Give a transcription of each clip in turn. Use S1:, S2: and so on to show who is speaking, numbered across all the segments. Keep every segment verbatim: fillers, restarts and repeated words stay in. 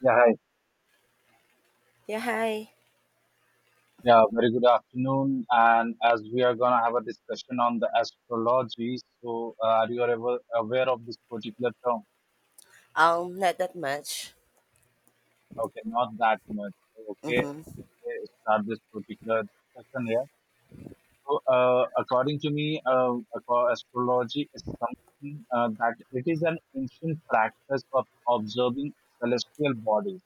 S1: Yeah, hi.
S2: Yeah, hi.
S1: Yeah, very good afternoon. And as we are gonna have a discussion on the astrology, so uh, are you ever aware of this particular term?
S2: Um, not that much.
S1: Okay, not that much. Okay,
S2: Mm-hmm.
S1: okay, start this particular discussion here. So, uh, according to me, uh, aco- astrology is something uh, that it is an ancient practice of observing celestial bodies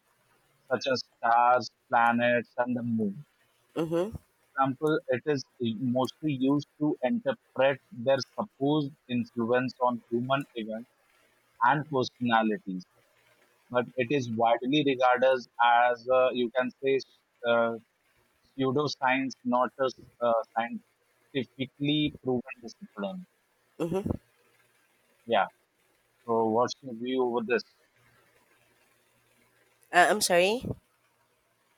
S1: such as stars, planets, and the moon.
S2: Mm-hmm.
S1: Example, it is mostly used to interpret their supposed influence on human events and personalities. But it is widely regarded as, uh, you can say, uh, pseudoscience, not a uh, scientifically proven discipline.
S2: Mm-hmm.
S1: Yeah. So, what's your view over this?
S2: Uh, I'm sorry.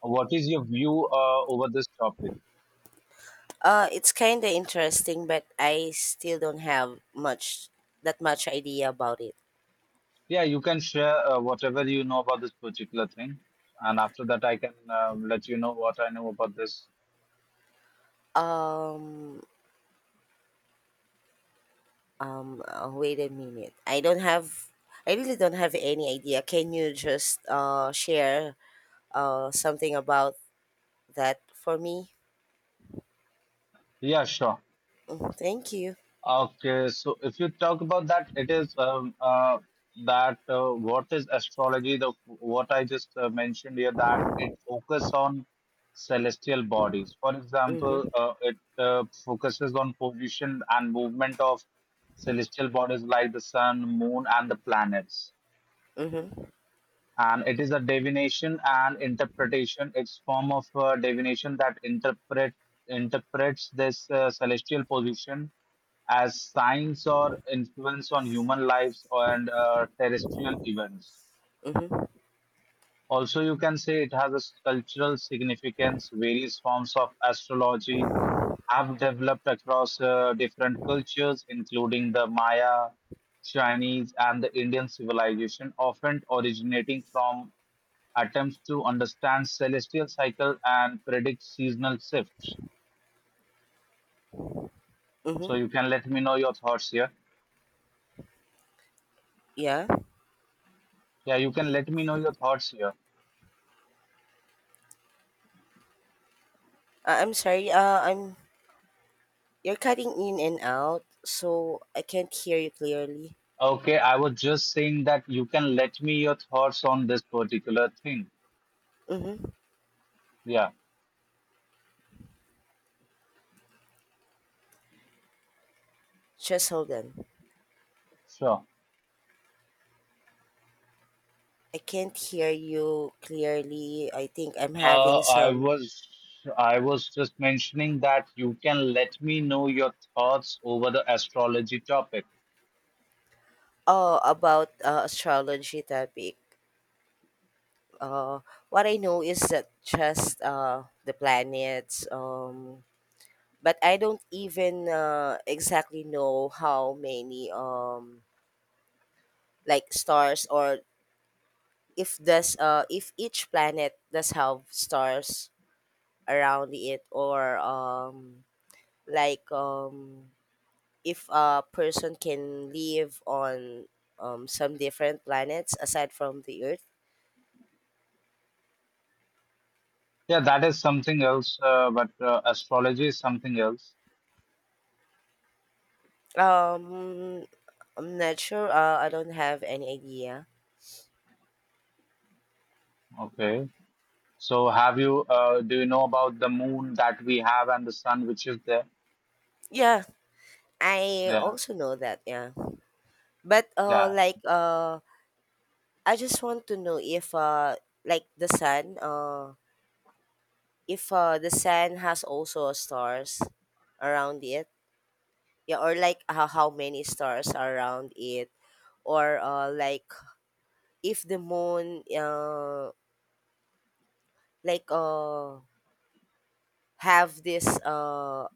S1: What is your view uh, over this topic?
S2: Uh, it's kind of interesting, but I still don't have much that much idea about it.
S1: Yeah, you can share uh, whatever you know about this particular thing, and after that, I can uh, let you know what I know about this.
S2: Um, um, uh, wait a minute. I don't have. I really don't have any idea. Can you just uh share uh something about that for me?
S1: Yeah, sure.
S2: Mm, thank you.
S1: Okay, so if you talk about that, it is um, uh, that uh, what is astrology? The what I just uh, mentioned here that it focuses on celestial bodies. For example,
S2: Mm-hmm.
S1: uh, it uh, focuses on position and movement of celestial bodies like the sun, moon, and the planets.
S2: Mm-hmm.
S1: And it is a divination and interpretation. It's form of uh, divination that interpret interprets this uh, celestial position as signs or influence on human lives and uh, terrestrial events.
S2: Mm-hmm.
S1: Also, you can say it has a cultural significance. Various forms of astrology have developed across uh, different cultures, including the Maya, Chinese, and the Indian civilization, often originating from attempts to understand celestial cycle and predict seasonal shifts. So
S2: Mm-hmm.
S1: you can let me know your thoughts here.
S2: Yeah.
S1: Yeah, you can let me know your thoughts here.
S2: Uh, I'm sorry. Uh, I'm You're cutting in and out, so I can't hear you clearly.
S1: Okay, I was just saying that you can let me your thoughts on this particular thing.
S2: Mm-hmm.
S1: Yeah,
S2: Just hold on.
S1: sure.
S2: I can't hear you clearly. I think I'm
S1: Uh,
S2: having
S1: I
S2: some.
S1: was I was just mentioning that you can let me know your thoughts over the astrology topic.
S2: Oh, about uh, astrology topic. Uh, what I know is that just uh, the planets. Um, but I don't even uh, exactly know how many um like stars, or if does uh if each planet does have stars around it, or um like um if a person can live on um some different planets aside from the earth.
S1: Yeah, that is something else, uh, but uh, astrology is something else.
S2: um I'm not sure. uh, I don't have any idea.
S1: Okay. So have you uh, do you know about the moon that we have and the sun which is there?
S2: Yeah, I
S1: Yeah,
S2: also know that, yeah, but uh
S1: yeah.
S2: like uh I just want to know if uh like the sun, uh if uh the sun has also stars around it. Yeah, or like how, how many stars are around it, or uh, like if the moon, uh, like uh, have this, uh,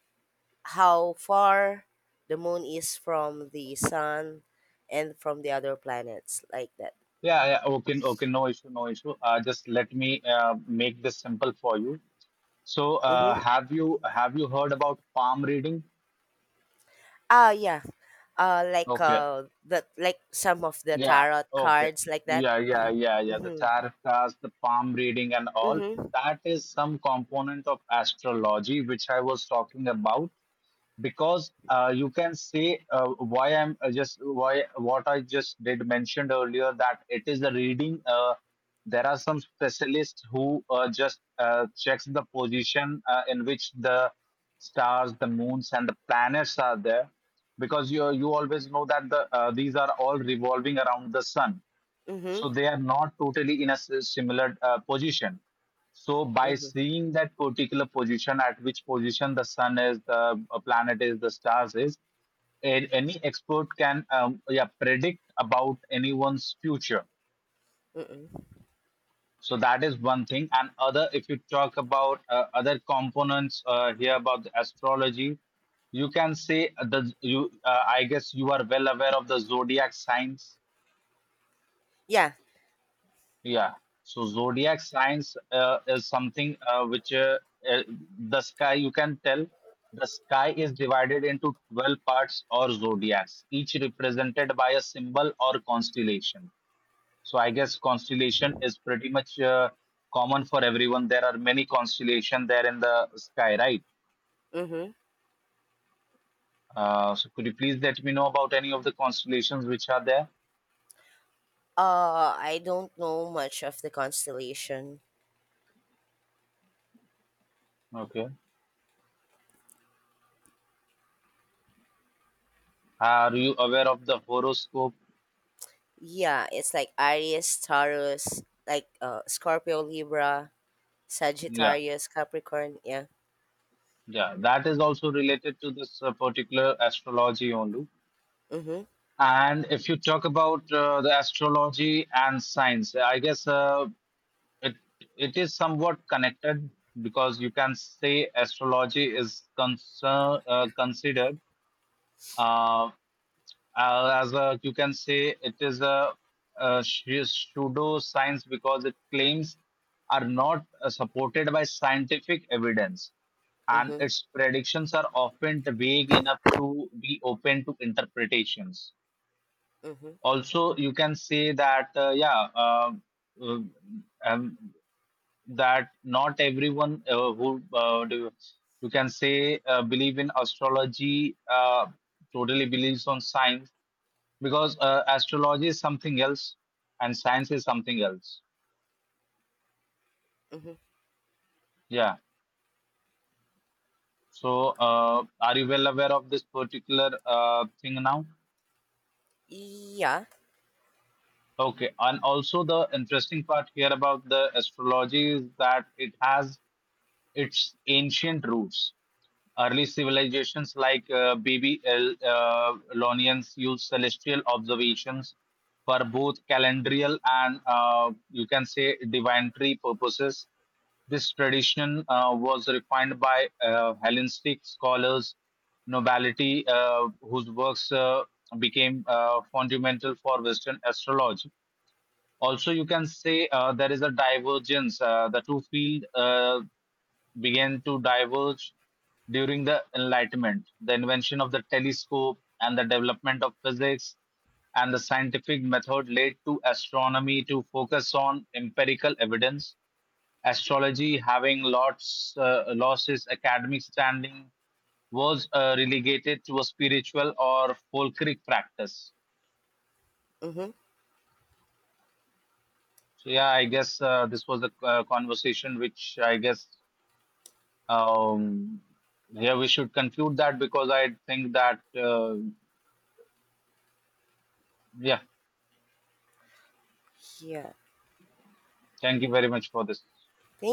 S2: how far the moon is from the sun and from the other planets like that.
S1: Yeah, yeah. Okay, okay, no issue, no issue. Uh, just let me uh, make this simple for you. So uh,
S2: Mm-hmm.
S1: have you have you heard about palm reading?
S2: Ah, yeah, uh, like
S1: Okay.
S2: uh, the like some of the
S1: Yeah.
S2: tarot
S1: Okay.
S2: cards like that.
S1: Yeah, yeah, yeah, yeah. The
S2: Mm-hmm.
S1: tarot cards, the palm reading and all.
S2: Mm-hmm.
S1: That is some component of astrology which I was talking about because uh, you can say uh, why I'm uh, just why what I just did mentioned earlier that it is the reading. Uh, there are some specialists who uh, just uh, checks the position uh, in which the stars, the moons, and the planets are there, because you you always know that the uh, these are all revolving around the sun,
S2: Mm-hmm.
S1: so they are not totally in a s- similar uh, position. So by
S2: Mm-hmm.
S1: seeing that particular position, at which position the sun is, the uh, planet is, the stars is, a- any expert can um, yeah predict about anyone's future.
S2: Mm-hmm.
S1: So that is one thing. And other, if you talk about uh, other components uh, here about the astrology, you can say uh, the you uh, I guess you are well aware of the zodiac signs.
S2: Yeah.
S1: Yeah. So zodiac signs uh, is something uh, which uh, uh, the sky you can tell the sky is divided into twelve parts or zodiacs, each represented by a symbol or constellation. So I guess constellation is pretty much uh, common for everyone. There are many constellations there in the sky, right?
S2: Mm-hmm.
S1: Uh, so could you please let me know about any of the constellations which are there?
S2: uh I don't know much of the constellation.
S1: Okay. Are you aware of the horoscope?
S2: Yeah, it's like Aries, Taurus, like uh, Scorpio, Libra,
S1: Yeah.
S2: Sagittarius, Capricorn. Yeah.
S1: Yeah, that is also related to this uh, particular astrology only.
S2: Mhm.
S1: And if you talk about uh, the astrology and science, I guess uh, it it is somewhat connected because you can say astrology is concern uh, considered, Uh, uh, as uh, you can say, it is a, a pseudo science because its claims are not uh, supported by scientific evidence, and
S2: Mhm.
S1: its predictions are often vague enough to be open to interpretations.
S2: Mhm.
S1: Also, you can say that uh, yeah, uh, um, um, that not everyone uh, who uh, do, you can say uh, believe in astrology, uh, totally believes on science because uh, astrology is something else and science is something else.
S2: Mhm.
S1: Yeah. So, uh, are you well aware of this particular uh, thing now?
S2: Yeah.
S1: Okay. And also, the interesting part here about the astrology is that it has its ancient roots. Early civilizations like uh, B B L uh, Lonians used celestial observations for both calendrial and uh, you can say divinatory purposes. This tradition uh, was refined by uh, Hellenistic scholars, nobility, uh, whose works uh, became uh, fundamental for Western astrology. Also, you can say uh, there is a divergence. Uh, the two field uh, began to diverge during the Enlightenment. The invention of the telescope and the development of physics and the scientific method led to astronomy to focus on empirical evidence. Astrology, having lots, uh, lost its academic standing, was uh, relegated to a spiritual or folkloric practice.
S2: Mhm.
S1: So yeah, I guess uh, this was the uh, conversation which I guess um, here we should conclude that because I think that uh, yeah,
S2: Yeah.
S1: thank you very much for this.
S2: Thank